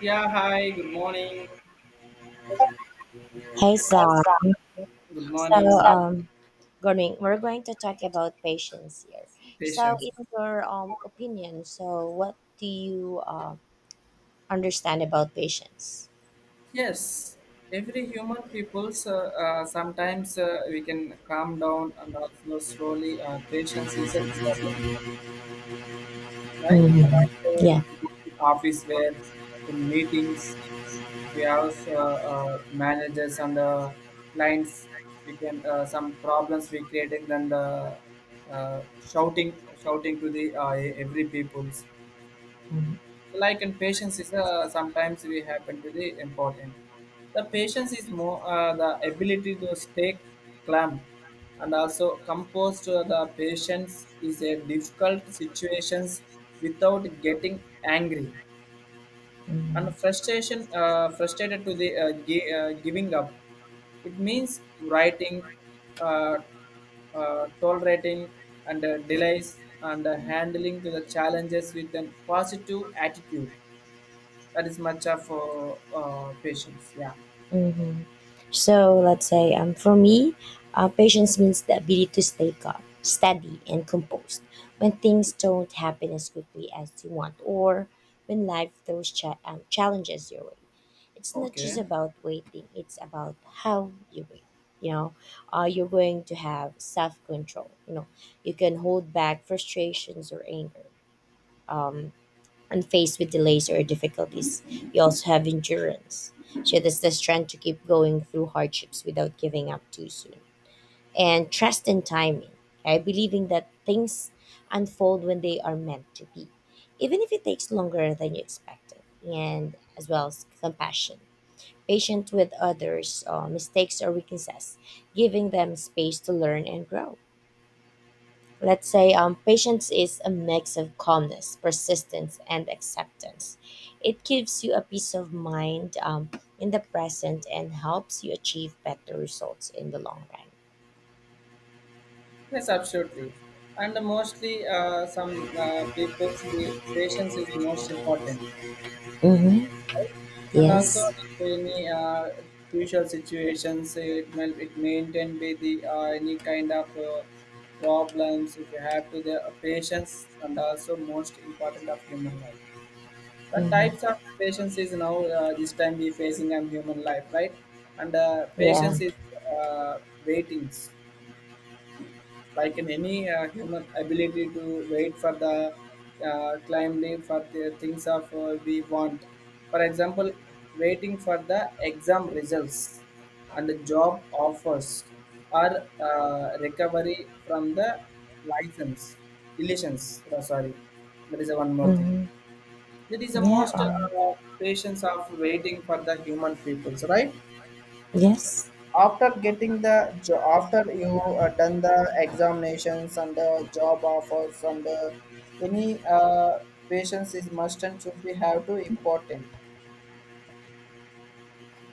Yeah, hi, good morning. Hey Yes, Sam. good So morning, sir, um going we're going to talk about patience here. So patients. in your opinion, so what do you understand about patience? Yes, every human people's sometimes we can calm down and also slowly. Patience is important, right? And Mhm. also, if Yeah. you go to office where in meetings, if we have managers and clients, we can some problems we creating then the shouting to the every peoples. Mhm. Like and patience is sometimes we happen to the important, the patience is more the ability to stay calm and also composed to the patience is a difficult situations without getting angry and Mhm. frustration frustrated to the giving up, it means writing, uh, tolerating and delays and handling to the challenges with an positive attitude, that is matcha for patients. Yeah. hmm So let's say for me, patience means the ability to stay calm, steady, and composed when things don't happen as quickly as you want, or when life throws challenges your way. It's not just Okay. about waiting, it's about how you wait. You know, you're going to have self control. You know, you can hold back frustrations or anger. Um, and faced with delays or difficulties, you also have endurance. So that's the strength to keep going through hardships without giving up too soon. And trust in timing. I believing that things unfold when they are meant to be, even if it takes longer than you expected. And as well as compassion. Patient with others, mistakes or weaknesses, giving them space to learn and grow. Let's say patience is a mix of calmness, persistence, and acceptance. It gives you a peace of mind in the present and helps you achieve better results in the long run. Yes, absolutely. And mostly, some people's we- patience is most important. Mm-hmm. And also, Yes. if any crucial situations, it may it maintain be the any kind of problems. If you have to the patience, and also most important of human life. The types Mm-hmm. of patients is now this time we facing a human life, right, and patience Yeah. is uh, waitings, like in any human ability to wait for the climbly for the things of we want, for example, waiting for the exam results and the job offers or recovery from the license illusions. Oh, sorry, that is a one more thing, Mm-hmm. that is the Yeah. most patience of waiting for the human peoples, right, Yes. after getting the jo- after you done the examinations and the job offers and any patience is must and should be have to important,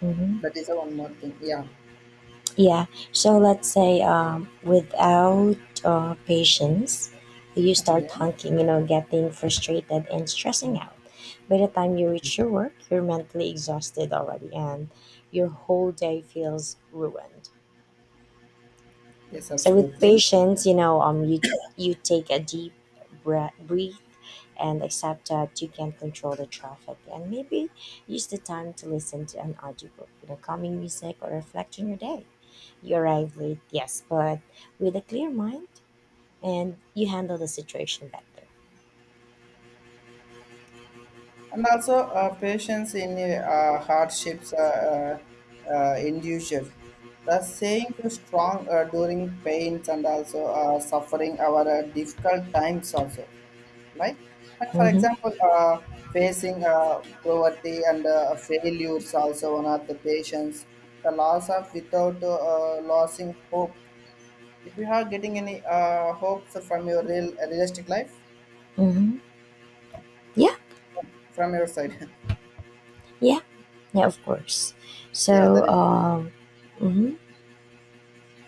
Mm-hmm. that is the one more thing. Yeah. Yeah. So let's say without patience, you Okay. start honking, you know, getting frustrated and stressing out. By the time you reach your work, you're mentally exhausted already and your whole day feels ruined. Yes, So with absolutely. patience, you know, you you take a deep breath, breathe, and accept that you can't control the traffic, and maybe use the time to listen to an audiobook, you know, calming music, or reflect on your day. You arrive late, yes, but with a clear mind and you handle the situation better. And also, patience in hardships individual. The saying to strong during pains and also suffering our difficult times also, right? And for Mm-hmm. example, uh, facing poverty and failures also one of the patients, the loss of without losing hope. If you are getting any hopes from your realistic life, Mm-hmm. Yeah, from your side, yeah, yeah, of course. yeah, that So, is. Mm-hmm.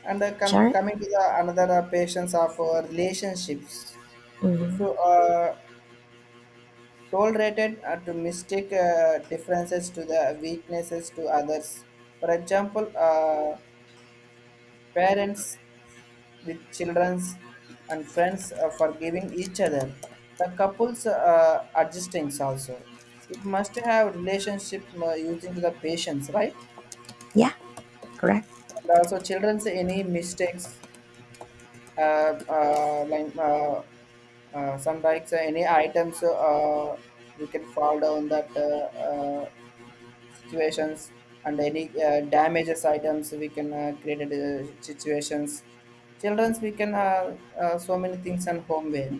And Sorry. coming to the another patience of relationships, if Mm-hmm. you are tolerated to mistake differences to the weaknesses to others, for example, parents with childrens and friends forgiving each other, the couples adjustings also. It must have relationship using to the patience, right? Yeah, correct. And also children's any mistakes uh, uh, like uh, like any items we can fall down that situations and any damages items we can create situations, children's we can so many things and homeware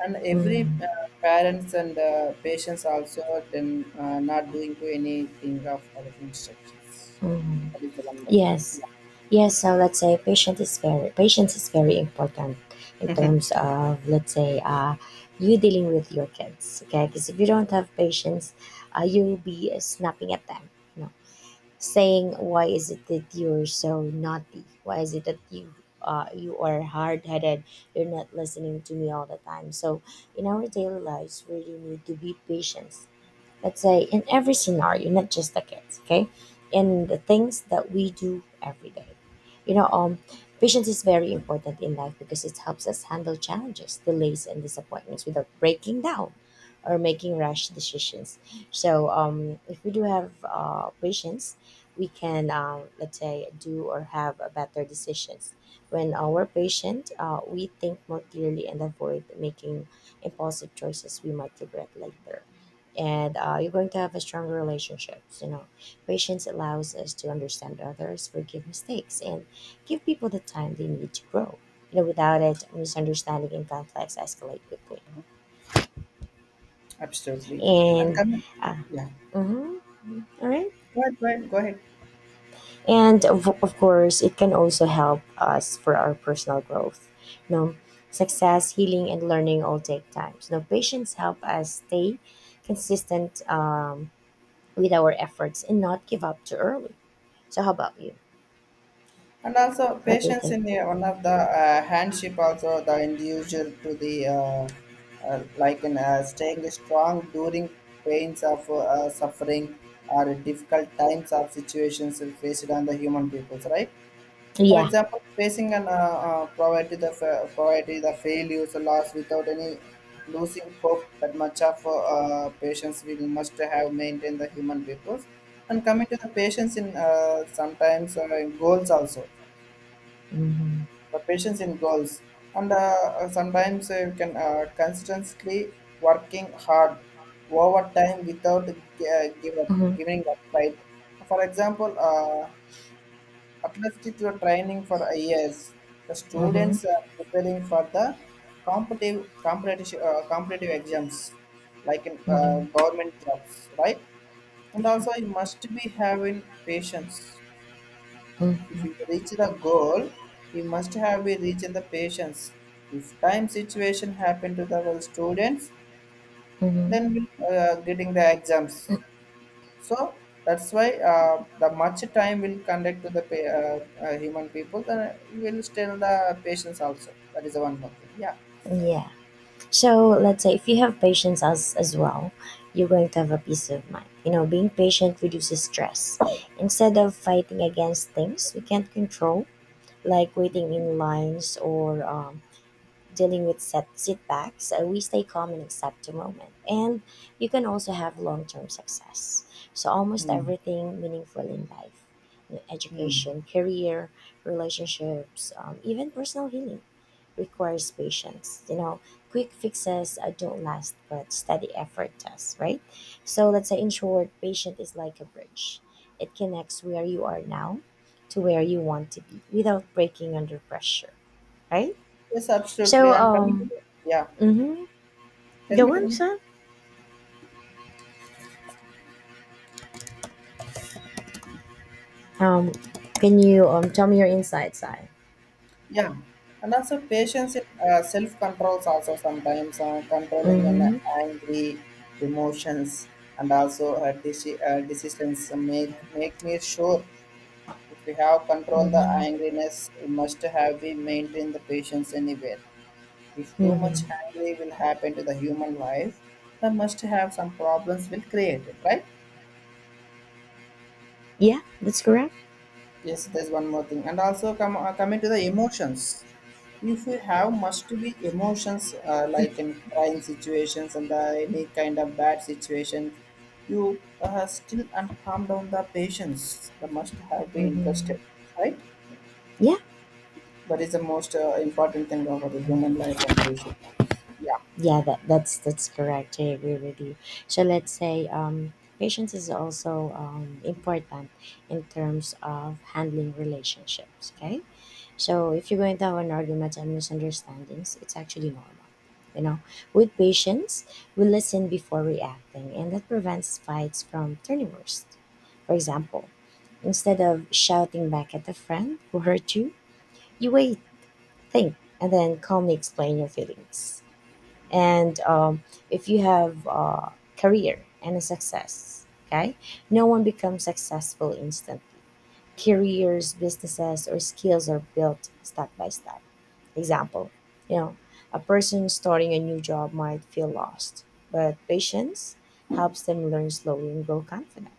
and every Mm-hmm. Parents and patients also, then not doing to anything of our instructions, Mm-hmm. that is the one more thing. Yes. Yeah. Yes, so let's say patient is very patience is very important in terms of, let's say, you dealing with your kids. Okay, because if you don't have patience, you'll be snapping at them. You know, saying why is it that you're so naughty? Why is it that you you are hard headed? You're not listening to me all the time. So in our daily lives, we really need to be patient, let's say in every scenario, not just the kids, okay? In the things that we do every day. You know, patience is very important in life because it helps us handle challenges, delays, and disappointments without breaking down or making rash decisions. So, if we do have patience, we can, let's say, do or have a better decisions. When we're patient, we think more clearly and avoid making impulsive choices we might regret later, and you're going to have a stronger relationships. You know, patience allows us to understand others, forgive mistakes, and give people the time they need to grow. You know, without it, misunderstanding and conflicts escalate quickly. Absolutely. And And come, uh, yeah, mhm. All right, go ahead, go ahead, go ahead. and of course it can also help us for our personal growth. You know, success, healing, and learning all take time, so patience help us stay consistent with our efforts and not give up too early. So, how about you? And also What do you patience in think? the, one of the handship also the individual to the like in staying strong during pains of suffering or difficult times of situations faced on the human peoples, right, for Yeah. example, facing an poverty, the failures loss without any losing hope, that much of patients will must have maintained the human peoples. And coming to the patients in sometimes goals also, Mm-hmm. the patience in goals and sometimes you can consistently working hard over time without Mm-hmm. giving up, right, for example, apprenticeship to training for a years, the Mm-hmm. students are preparing for the competitive exams, like in Mm-hmm. government jobs, right, and Yeah. also you must be having patience. If you Mm-hmm. reach the goal, you must have be reached the patience. If time situation happen to the well, students, Mm-hmm. then we getting the exams. So that's why the much time will conduct to the human people, then you will still the patience also. That is the one more thing. Yeah. Mm, yeah. So let's say if you have patience as well, you're going to have a peace of mind. You know, being patient reduces stress. Instead of fighting against things we can't control, like waiting in lines, or dealing with setbacks, we stay calm and accept the moment. And you can also have long term success. So, almost Hmm. everything meaningful in life, you know, Hmm. education, career, relationships, even personal healing, requires patience. You know, quick fixes don't last, but steady effort does, right? So, let's say in short, patient is like a bridge, it connects where you are now to where you want to be without breaking under pressure, right? Yes, absolutely. So, And coming to the, yeah, mm-hmm. tell me, Go tell on, me. son. Um, can you tell me your inside side? Yeah, and also patience in self controls also, sometimes controlling an Mm-hmm. angry emotions and also decisions make me sure, if we have control the Mm-hmm. angriness we must have be maintain the patience anywhere. If too much Mm-hmm. angry will happen to the human life, then must have some problems will created, right? Yeah, that's correct. Yes, there's one more thing, and also come coming to the emotions. If you have must be emotions like in crying situations and any kind of bad situation, you still and calm down the patients. The must have be Mm-hmm. interested, right? Yeah, That is the most important thing about the human life and patient. Yeah, yeah, that's that's correct. I agree with you. So let's say patience is also important in terms of handling relationships. Okay. So if you're going to have an argument and misunderstandings, it's actually normal. You know, with patience, we listen before reacting, and that prevents fights from turning worse. For example, instead of shouting back at a friend who hurt you, you wait, think, and then calmly explain your feelings. And if you have a career and a success, okay, no one becomes successful instantly. Careers, businesses, or skills are built step by step. Example, you know, a person starting a new job might feel lost, but patience helps them learn slowly and grow confident,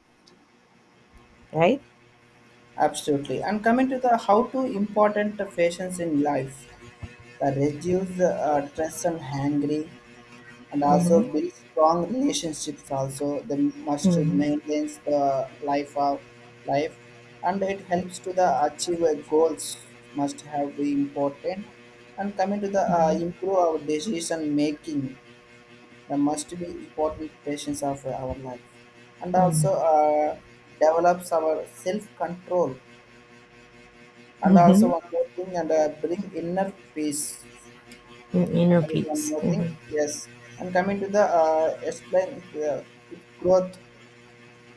right? absolutely. And coming to the how to important the patients in life, the reduce the stress and hangry and also Mm-hmm. build strong relationships also the must Mm-hmm. maintains the life of life, and it helps to the achieve a goals must have be important. And coming to the Mm-hmm. improve our decision making, the must be important patience of our life, and Mm-hmm. also develops our self control, and also Mm-hmm. one more thing and bring inner peace, Inner there is one peace, more thing. mm-hmm. Yes. And coming to the explain if growth.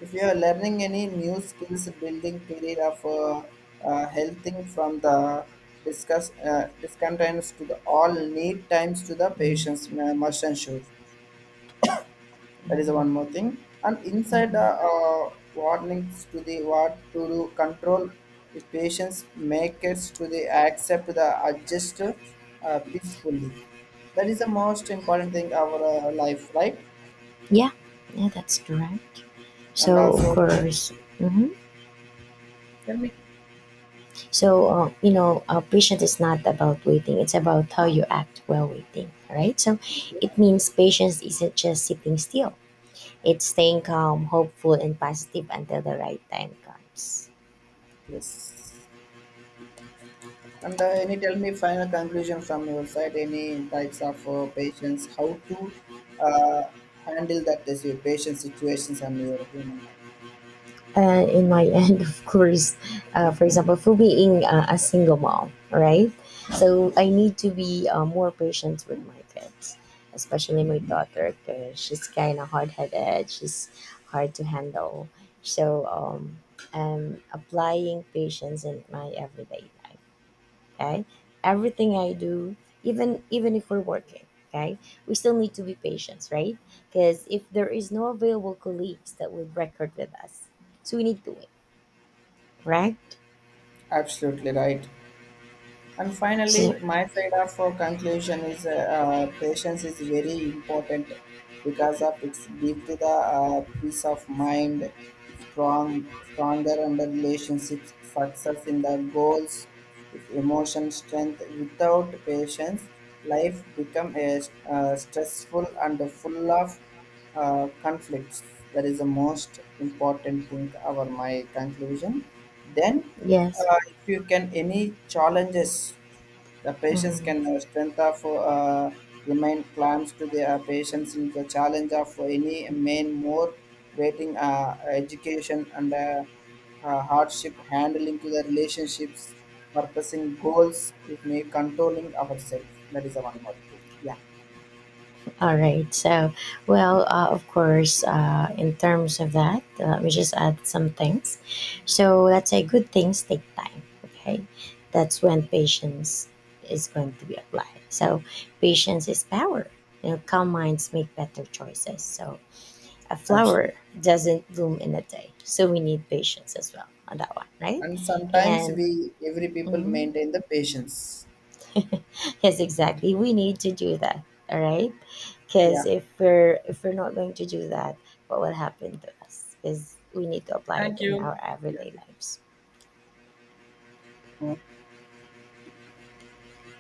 If you are learning any new skills, building career of helping from the discuss discontents to the all need times to the Mm-hmm. patients must ensure. That is one more thing. And inside the Mm-hmm. Warnings to the what to do control, the patients make it to the accept the adjust peacefully. That is the most important thing our life, right? Yeah, yeah, that's correct. And So, of also course. hmm So, you know, patience is not about waiting, it's about how you act while waiting, right? So, it means patience isn't just sitting still, it's staying calm, hopeful, and positive until the right time comes. yes. And any tell me final conclusion from your side. Any types of patients, how to uh, handle that as your patient situations and your human life. In my end, of course, for example, for being a single mom, right? So I need to be more patient with my kids, especially my daughter, because she's kind of hard headed, she's hard to handle. So I'm applying patience in my everyday life. Okay, everything I do, even if we're working, okay, we still need to be patient, right? Because if there is no available colleagues that would record with us, so we need to wait, right? Absolutely right. And finally, So my side of conclusion is patience is very important because of its give to the peace of mind, stronger under relationships, success in the goals, with emotion strength. Without patience, life become a, stressful and full of conflicts, that is the most important thing our my conclusion, then yes. if you can any challenges, the patients can Mhm. Strength of uh, remain claims to their patients in the challenge of any main more waiting education and hardship handling to the relationships purposing goals if may controlling ourselves, that is the one more thing. Yeah. All right. So, well, of course, in terms of that, let me just add some things. So, let's say good things take time. Okay. That's when patience is going to be applied. So, patience is power. You know, calm minds make better choices. So, a flower Absolutely. doesn't bloom in a day. So, we need patience as well on that one, right? And sometimes And, we every people mhm, maintain the patience. yes, exactly, we need to do that. All right, because Yeah. If we're not going to do that, what will happen to us is we need to apply it in our Yeah. everyday lives.